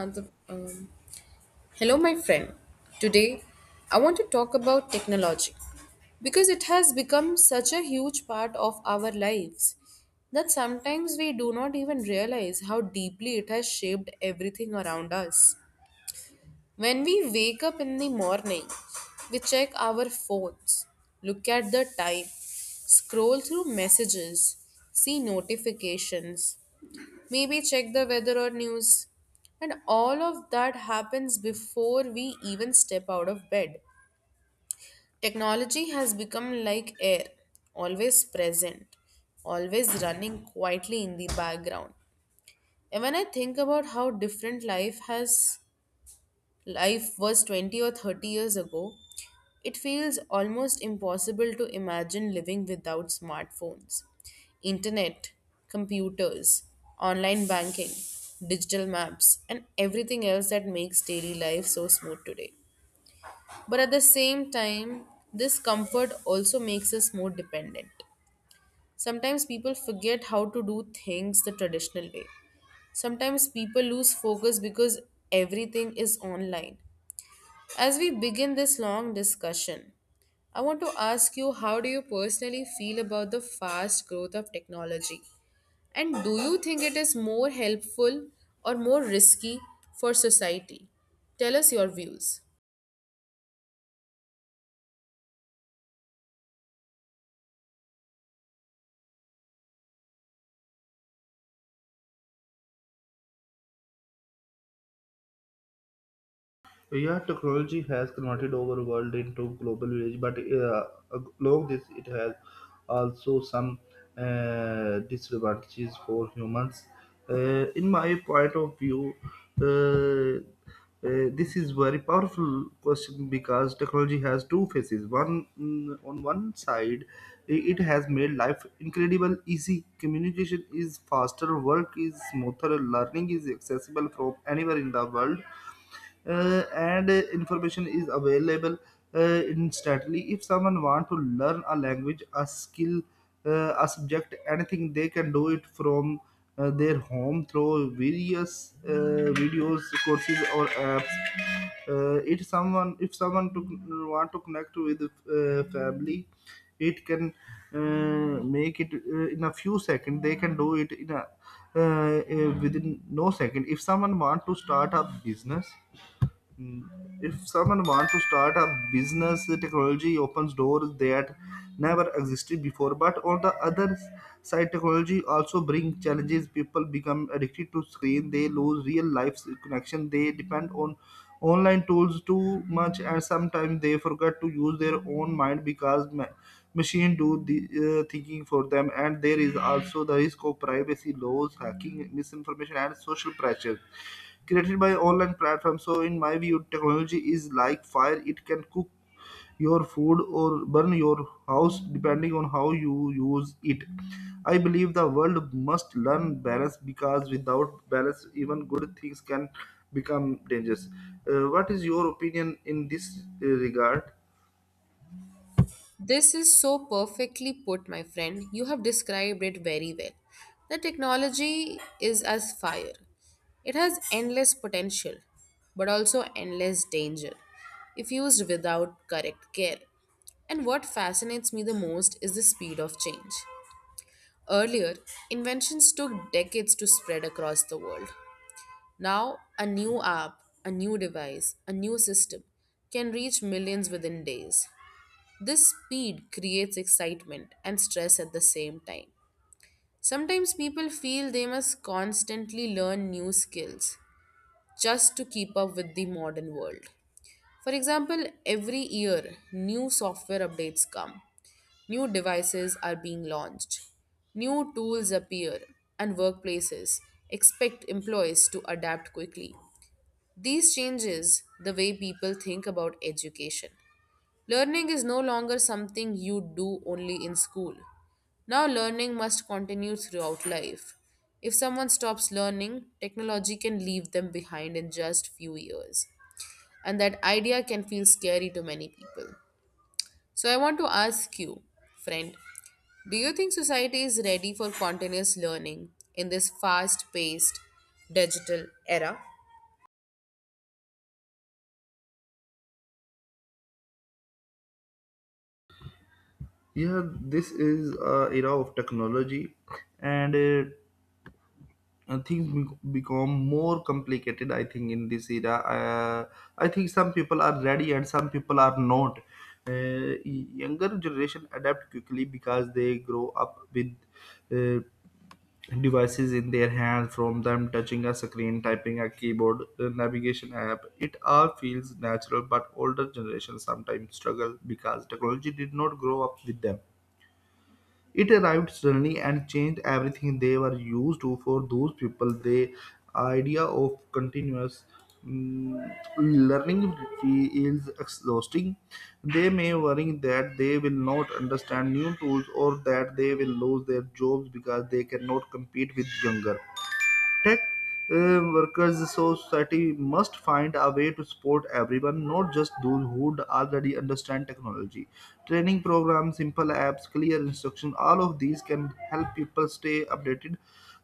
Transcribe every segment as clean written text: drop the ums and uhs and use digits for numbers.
And the- um, Hello, my friend. Today, I want to talk about technology because it has become such a huge part of our lives that sometimes we do not even realize how deeply it has shaped everything around us. When we wake up in the morning, we check our phones, look at the time, scroll through messages, see notifications, maybe check the weather or news. And all of that happens before we even step out of bed. Technology has become like air, always present, always running quietly in the background. And when I think about how different life was 20 or 30 years ago, it feels almost impossible to imagine living without smartphones, internet, computers, online banking, digital maps, and everything else that makes daily life so smooth today. But at the same time, this comfort also makes us more dependent. Sometimes people forget how to do things the traditional way. Sometimes people lose focus because everything is online. As we begin this long discussion, I want to ask you, how do you personally feel about the fast growth of technology? And do you think it is more helpful or more risky for society? Tell us your views. Yeah, technology has converted our world into global village, but along this, it has also some disadvantages for humans. In my point of view, uh, this is very powerful question because technology has two faces. One on one side, it has made life incredible easy. Communication is faster, work is smoother, learning is accessible from anywhere in the world and information is available instantly. If someone want to learn a language, a skill, a subject, anything, they can do it from their home through various videos, courses, or apps. It someone if someone to want to connect with family, it can make it in a few seconds. They can do it in a within no second. If someone want to start a business. Mm, if someone wants to start a business, technology opens doors that never existed before, but on the other side technology also brings challenges. People become addicted to screen, they lose real life connection, they depend on online tools too much, and sometimes they forget to use their own mind because machine do the thinking for them. And there is also the risk of privacy laws, hacking, misinformation, and social pressure created by online platforms. So, in my view, technology is like fire; it can cook your food or burn your house depending on how you use it. I believe the world must learn balance because without balance, even good things can become dangerous. What is your opinion in this regard? This is so perfectly put, my friend. You have described it very well. The technology is as fire. It has endless potential, but also endless danger if used without correct care. And what fascinates me the most is the speed of change. Earlier, inventions took decades to spread across the world. Now, a new app, a new device, a new system can reach millions within days. This speed creates excitement and stress at the same time. Sometimes people feel they must constantly learn new skills just to keep up with the modern world. For example, every year new software updates come. New devices are being launched. New tools appear, and workplaces expect employees to adapt quickly. These changes the way people think about education. Learning is no longer something you do only in school. Now, learning must continue throughout life. If someone stops learning, technology can leave them behind in just few years. And that idea can feel scary to many people. So, I want to ask you, friend, do you think society is ready for continuous learning in this fast paced digital era? Yeah, this is era of technology, and uh, and things become more complicated. I think in this era, I think some people are ready and some people are not. uh, Younger generation adapt quickly because they grow up with uh, devices in their hand. From them touching a screen, typing a keyboard, a navigation app, it all feels natural. But older generation sometimes struggle because technology did not grow up with them. It arrived suddenly and changed everything they were used to. For those people, the idea of continuous mm, learning feels exhausting. They may worry that they will not understand new tools or that they will lose their jobs because they cannot compete with younger tech workers. So society must find a way to support everyone, not just those who already understand technology. Training programs, simple apps, clear instruction, all of these can help people stay updated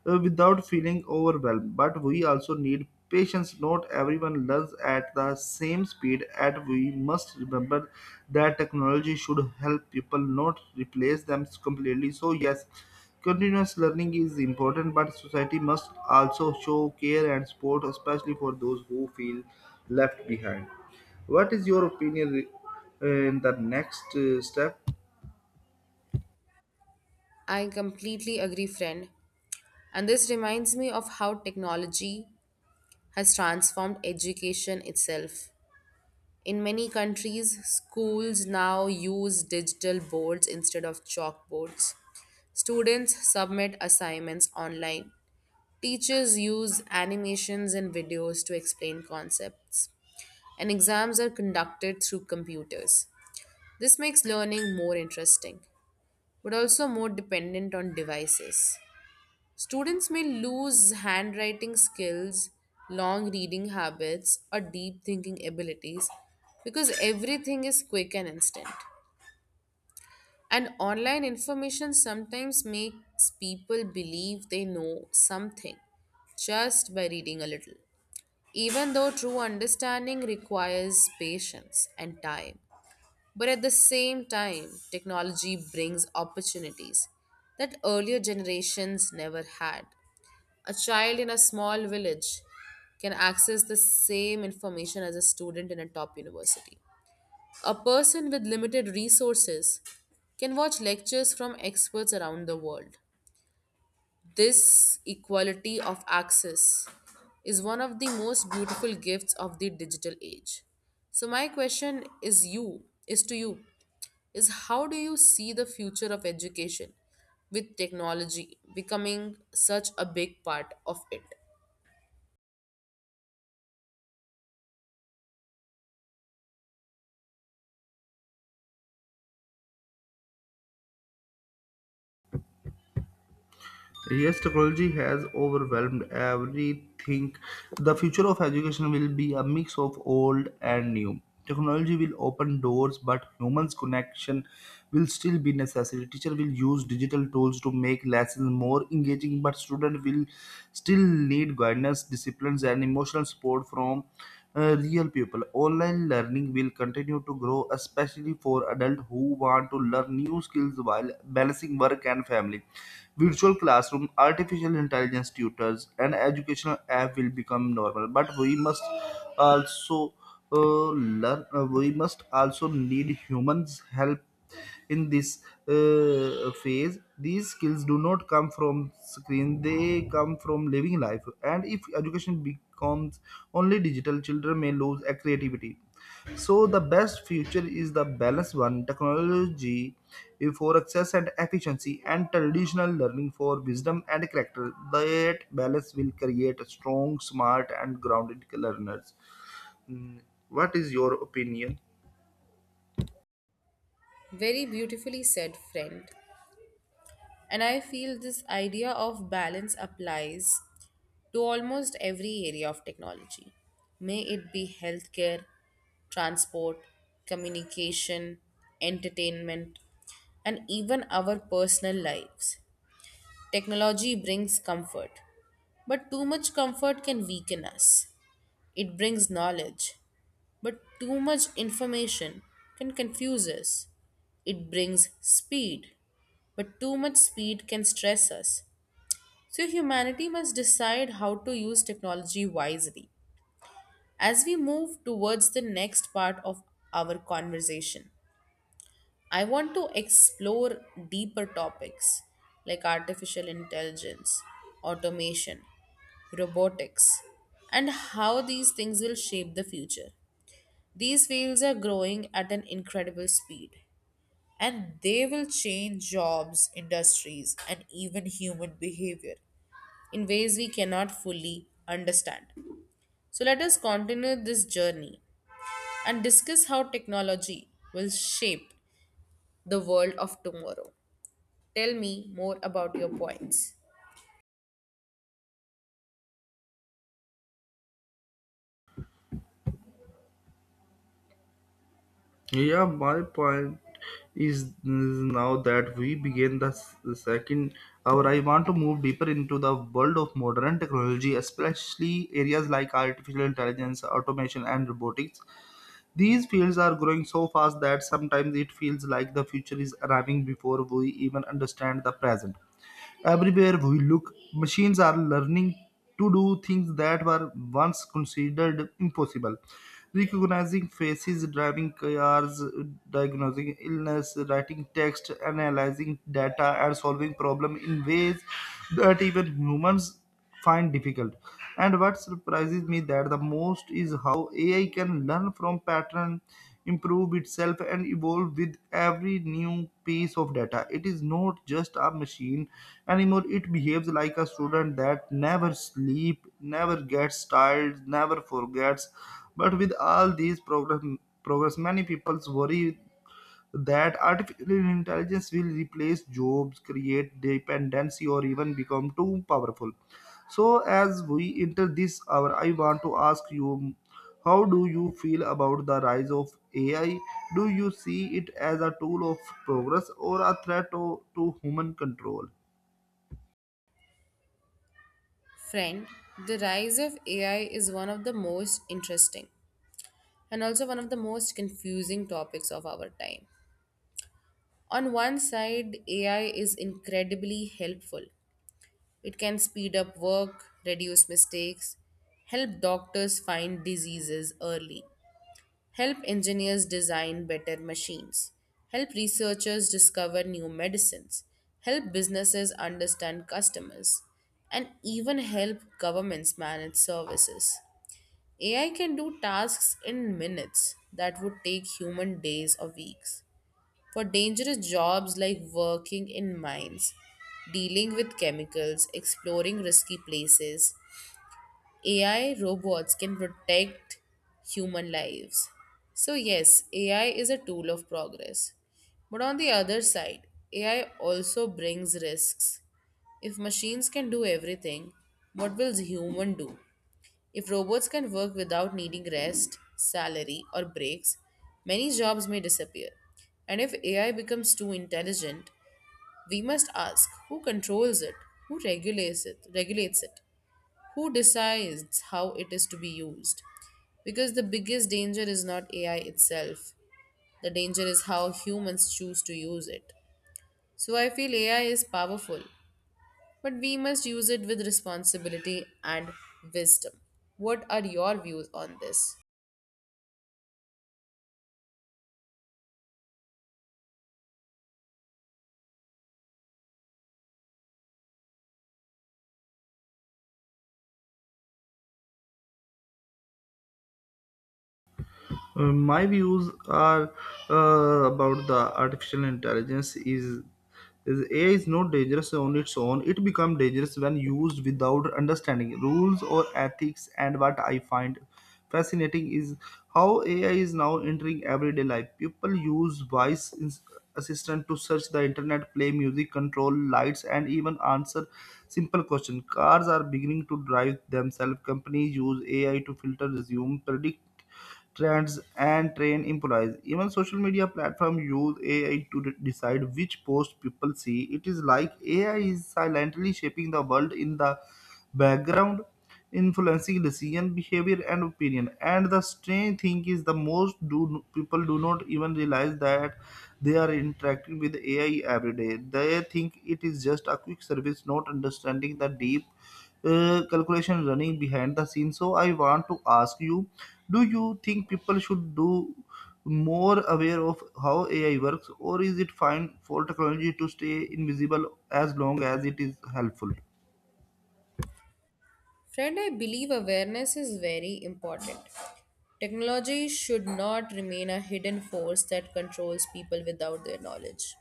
without feeling overwhelmed. But we also need patience. Not everyone learns at the same speed, and we must remember that technology should help people, not replace them completely. So, yes, continuous learning is important, but society must also show care and support, especially for those who feel left behind. What is your opinion in the next step? I completely agree, friend. And this reminds me of how technology has transformed education itself. In many countries, schools now use digital boards instead of chalkboards. Students submit assignments online. Teachers use animations and videos to explain concepts, and exams are conducted through computers. This makes learning more interesting, but also more dependent on devices. Students may lose handwriting skills, long reading habits, or deep thinking abilities because everything is quick and instant. And online information sometimes makes people believe they know something just by reading a little, even though true understanding requires patience and time. But at the same time, technology brings opportunities that earlier generations never had. A child in a small village can access the same information as a student in a top university. A person with limited resources can watch lectures from experts around the world. This equality of access is one of the most beautiful gifts of the digital age. So my question is to you, is how do you see the future of education with technology becoming such a big part of it? Yes, technology has overwhelmed everything. The future of education will be a mix of old and new. Technology will open doors, but humans' connection will still be necessary. Teacher will use digital tools to make lessons more engaging, but student will still need guidance, disciplines, and emotional support from real people. Online learning will continue to grow, especially for adults who want to learn new skills while balancing work and family. Virtual classroom, artificial intelligence tutors, and educational app will become normal. But we must also learn. We must also need humans' help in this phase. These skills do not come from screen; they come from living life. And if education becomes only digital, children may lose a creativity. So the best future is the balanced one: technology for access and efficiency, and traditional learning for wisdom and character. That balance will create strong, smart and grounded learners. Mm, What is your opinion? Very beautifully said, friend. And I feel this idea of balance applies to almost every area of technology. May it be healthcare, transport, communication, entertainment, and even our personal lives. Technology brings comfort, but too much comfort can weaken us. It brings knowledge, but too much information can confuse us. It brings speed, but too much speed can stress us. So, humanity must decide how to use technology wisely. As we move towards the next part of our conversation, I want to explore deeper topics like artificial intelligence, automation, robotics, and how these things will shape the future. These fields are growing at an incredible speed, and they will change jobs, industries, and even human behavior in ways we cannot fully understand. So, let us continue this journey and discuss how technology will shape the world of tomorrow. Tell me more about your points. Yeah, my point is now that we begin the the second hour. I want to move deeper into the world of modern technology, especially areas like artificial intelligence, automation, and robotics. These fields are growing so fast that sometimes it feels like the future is arriving before we even understand the present. Everywhere we look, machines are learning to do things that were once considered impossible. Recognizing faces, driving cars, diagnosing illness, writing text, analyzing data, and solving problems in ways that even humans find difficult. And what surprises me that the most is how AI can learn from pattern, improve itself, and evolve with every new piece of data. It is not just a machine anymore. It behaves like a student that never sleep, never gets tired, never forgets. But with all these progress, many people worry that artificial intelligence will replace jobs, create dependency, or even become too powerful. So, as we enter this hour, I want to ask you, how do you feel about the rise of AI? Do you see it as a tool of progress or a threat to human control? Friend, the rise of AI is one of the most interesting and also one of the most confusing topics of our time. On one side, AI is incredibly helpful. It can speed up work, reduce mistakes, help doctors find diseases early, help engineers design better machines, help researchers discover new medicines, help businesses understand customers, and even help governments manage services. AI can do tasks in minutes that would take human days or weeks. For dangerous jobs like working in mines, dealing with chemicals, exploring risky places, AI robots can protect human lives. So, yes, AI is a tool of progress. But on the other side, AI also brings risks. If machines can do everything, what will human do? If robots can work without needing rest, salary, or breaks, many jobs may disappear. And if AI becomes too intelligent, we must ask who controls it, who regulates it, who decides how it is to be used. Because the biggest danger is not AI itself. The danger is how humans choose to use it. So I feel AI is powerful, but we must use it with responsibility and wisdom. What are your views on this? My views are about the artificial intelligence is AI is not dangerous on its own. It becomes dangerous when used without understanding rules or ethics. And what I find fascinating is how AI is now entering everyday life. People use voice assistant to search the internet, play music, control lights, and even answer simple questions. Cars are beginning to drive themselves. Companies use AI to filter, resume, predict trends and train employees. Even social media platforms use AI to decide which post people see. It is like AI is silently shaping the world in the background, influencing decision, behavior, and opinion. And the strange thing is, the most do people do not even realize that they are interacting with AI every day. They think it is just a quick service, not understanding the deep calculation running behind the scenes. So I want to ask you, do you think people should do more aware of how AI works, or is it fine for technology to stay invisible as long as it is helpful? Friend, I believe awareness is very important. Technology should not remain a hidden force that controls people without their knowledge.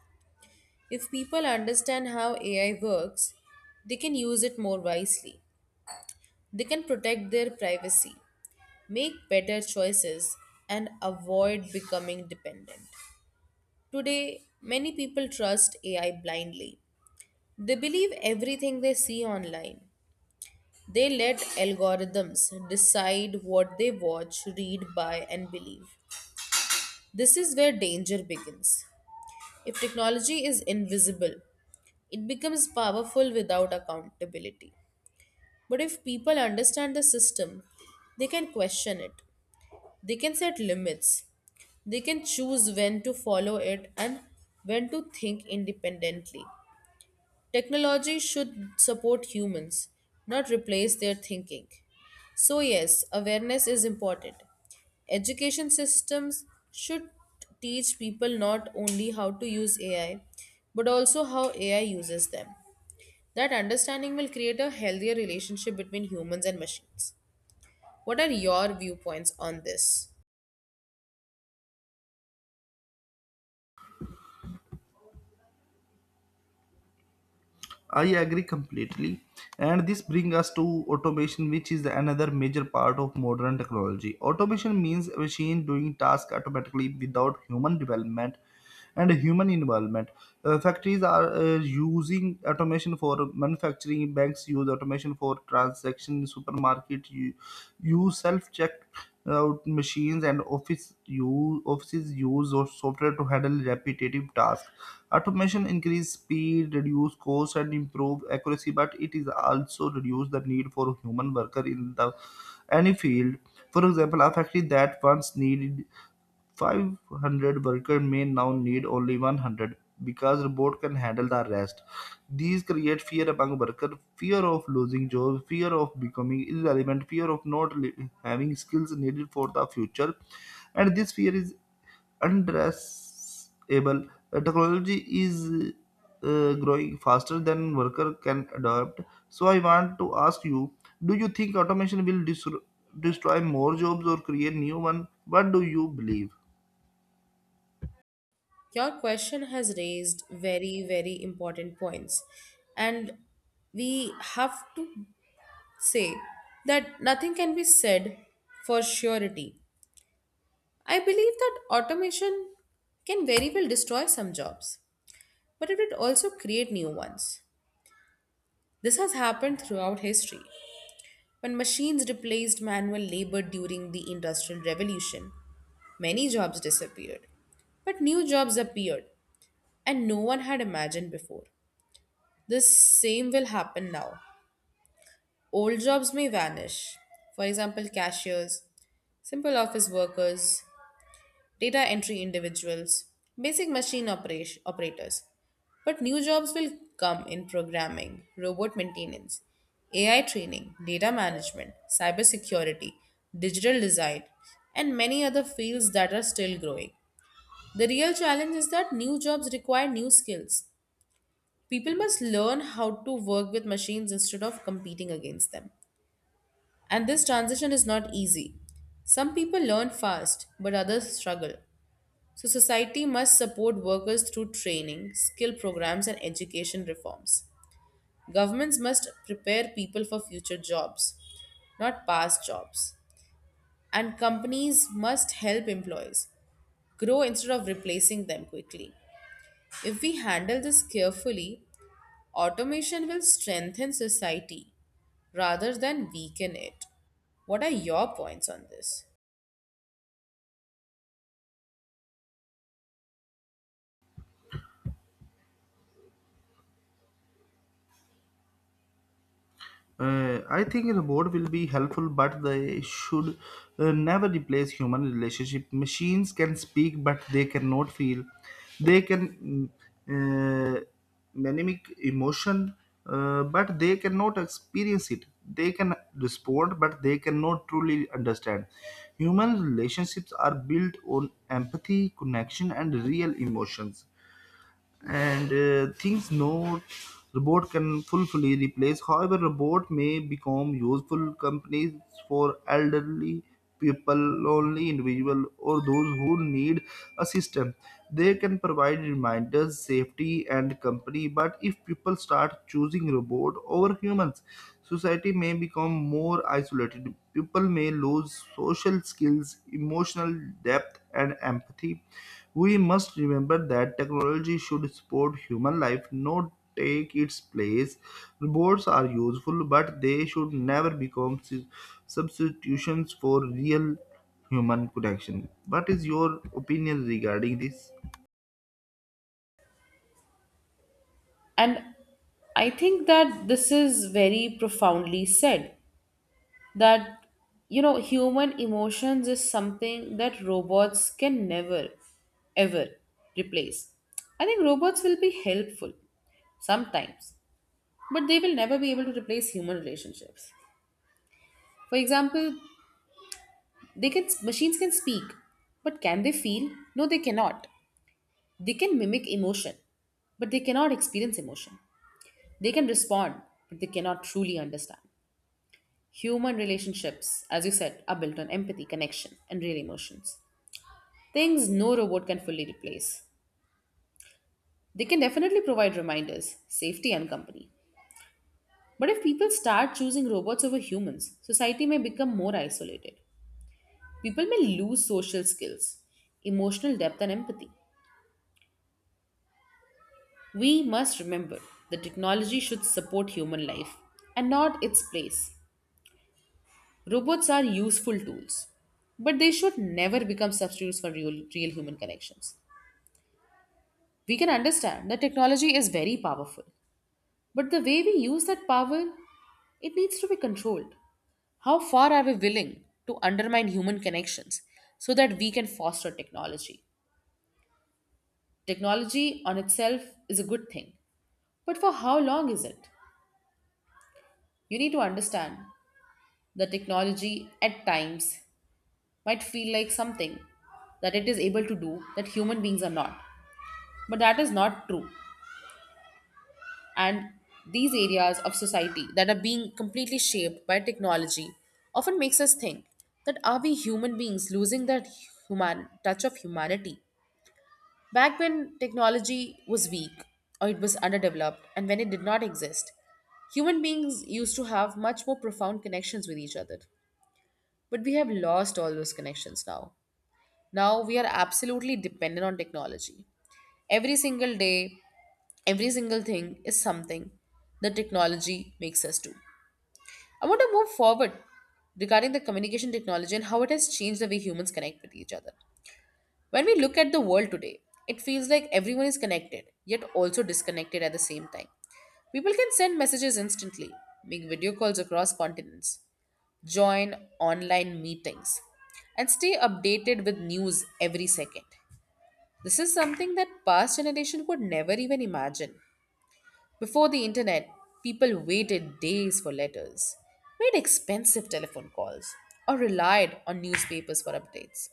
If people understand how AI works, they can use it more wisely. They can protect their privacy, make better choices, and avoid becoming dependent. Today, many people trust AI blindly. They believe everything they see online. They let algorithms decide what they watch, read, buy, and believe. This is where danger begins. If technology is invisible, it becomes powerful without accountability. But if people understand the system, they can question it. They can set limits. They can choose when to follow it and when to think independently. Technology should support humans, not replace their thinking. So, yes, awareness is important. Education systems should teach people not only how to use AI, but also how AI uses them. That understanding will create a healthier relationship between humans and machines. What are your viewpoints on this? I agree completely. And this brings us to automation, which is another major part of modern technology. Automation means a machine doing tasks automatically without human development and human involvement. Factories are using automation for manufacturing, banks use automation for transaction, supermarket use self-check out machines, and office use, offices use of software to handle repetitive tasks. Automation increase speed, reduce cost, and improve accuracy, but it is also reduce the need for human worker in the any field. For example, a factory that once needed 500 workers may now need only 100 because robots can handle the rest. These create fear among workers, fear of losing jobs, fear of becoming irrelevant, fear of not having skills needed for the future, and this fear is undressed able. Technology is growing faster than worker can adapt. So I want to ask you, do you think automation will destroy more jobs or create new one? What do you believe? Your question has raised very, very important points, and we have to say that nothing can be said for surety. I believe that automation can very well destroy some jobs, but it will also create new ones. This has happened throughout history. When machines replaced manual labor during the Industrial Revolution, many jobs disappeared. But new jobs appeared, and no one had imagined before. The same will happen now. Old jobs may vanish, for example, cashiers, simple office workers, data entry individuals, basic machine operators. But new jobs will come in programming, robot maintenance, AI training, data management, cybersecurity, digital design, and many other fields that are still growing. The real challenge is that new jobs require new skills. People must learn how to work with machines instead of competing against them. And this transition is not easy. Some people learn fast, but others struggle. So, society must support workers through training, skill programs, and education reforms. Governments must prepare people for future jobs, not past jobs. And companies must help employees grow instead of replacing them quickly. If we handle this carefully, automation will strengthen society rather than weaken it. What are your points on this? I think robot will be helpful, but they should never replace human relationship. Machines can speak, but they cannot feel. They can mm, uh, mimic emotion, but they cannot experience it. They can respond, but they cannot truly understand. Human relationships are built on empathy, connection, and real emotions, and things no robot can fully replace. However, robot may become useful companies for elderly people, lonely individual, or those who need assistance. They can provide reminders, safety, and company. But if people start choosing robot over humans, society may become more isolated. People may lose social skills, emotional depth, and empathy. We must remember that technology should support human life, not take its place. Robots are useful, but they should never become substitutions for real human connection. What is your opinion regarding this? And I think that this is very profoundly said that, you know, human emotions is something that robots can never ever replace. I think robots will be helpful sometimes, but they will never be able to replace human relationships. For example, they can machines can speak, but can they feel? No, they cannot. They can mimic emotion, but they cannot experience emotion. They can respond, but they cannot truly understand. Human relationships, as you said, are built on empathy, connection, and real emotions. Things no robot can fully replace. They can definitely provide reminders, safety, and company. But if people start choosing robots over humans, society may become more isolated. People may lose social skills, emotional depth, and empathy. We must remember that technology should support human life and not its place. Robots are useful tools, but they should never become substitutes for real, real human connections. We can understand that technology is very powerful, but the way we use that power, it needs to be controlled. How far are we willing to undermine human connections so that we can foster technology? Technology on itself is a good thing, but for how long is it? You need to understand that technology at times might feel like something that it is able to do that human beings are not, but that is not true. And these areas of society that are being completely shaped by technology often makes us think that are we human beings losing that human touch of humanity? Back when technology was weak or it was underdeveloped and when it did not exist, human beings used to have much more profound connections with each other, but we have lost all those connections now. Now we are absolutely dependent on technology. Every single day, every single thing is something that technology makes us do. I want to move forward regarding the communication technology and how it has changed the way humans connect with each other. When we look at the world today, it feels like everyone is connected, yet also disconnected at the same time. People can send messages instantly, make video calls across continents, join online meetings, and stay updated with news every second. This is something that past generation could never even imagine. Before the internet, people waited days for letters, made expensive telephone calls, or relied on newspapers for updates.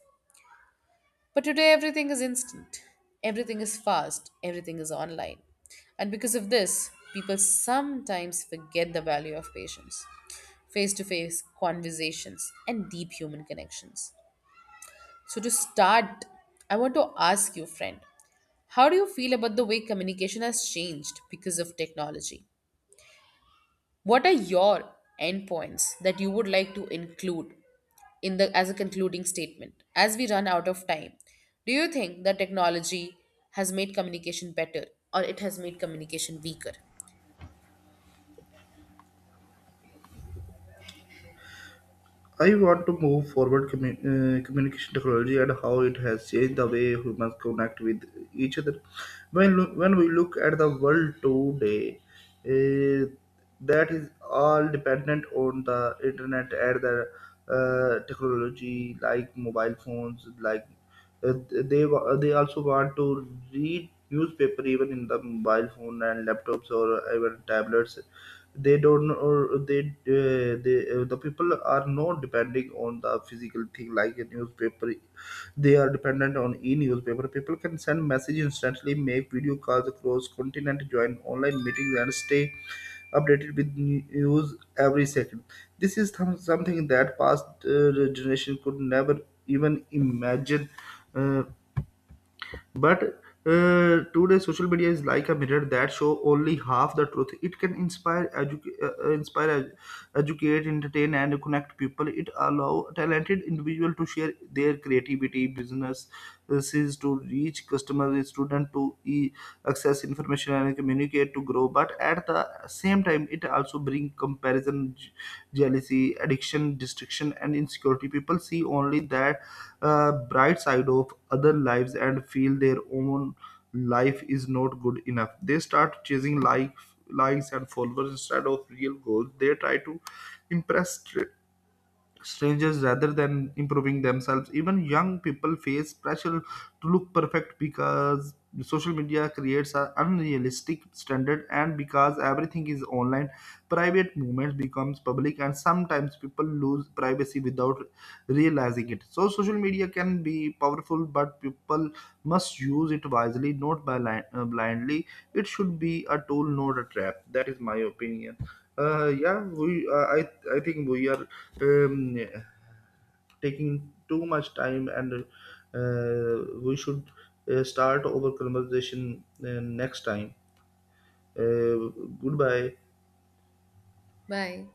But today everything is instant. Everything is fast, everything is online. And because of this, people sometimes forget the value of patience, face to face conversations, and deep human connections. So, to start, I want to ask you, friend, how do you feel about the way communication has changed because of technology? What are your endpoints that you would like to include in the as a concluding statement as we run out of time? Do you think that technology has made communication better or it has made communication weaker? I want to move forward communication technology and how it has changed the way humans connect with each other. When when we look at the world today, uh, that is all dependent on the internet and the technology like mobile phones, like uh, they they also want to read newspaper even in the mobile phone and laptops or even tablets. They don't know, or they the people are not depending on the physical thing like a newspaper. They are dependent on e-newspaper. People can send message instantly, make video calls across continent, join online meetings, and stay updated with news every second. This is something that past generation could never even imagine. Uh, but today, social media is like a mirror that show only half the truth. It can inspire, educate, educate, entertain, and connect people. It allow talented individual to share their creativity, businesses to reach customers, student to access information and communicate to grow. But at the same time it also brings comparison, jealousy, addiction, destruction and insecurity. People see only that bright side of other lives and feel their own life is not good enough. They start chasing likes and followers instead of real goals. They try to impress strangers rather than improving themselves. Even young people face pressure to look perfect because social media creates an unrealistic standard. And because everything is online, private moments becomes public and sometimes people lose privacy without realizing it. So social media can be powerful, but people must use it wisely, not blindly. It should be a tool, not a trap. That is my opinion. Yeah, we. I think we are um, taking too much time, and we should start our conversation next time. Uh, Goodbye. Bye.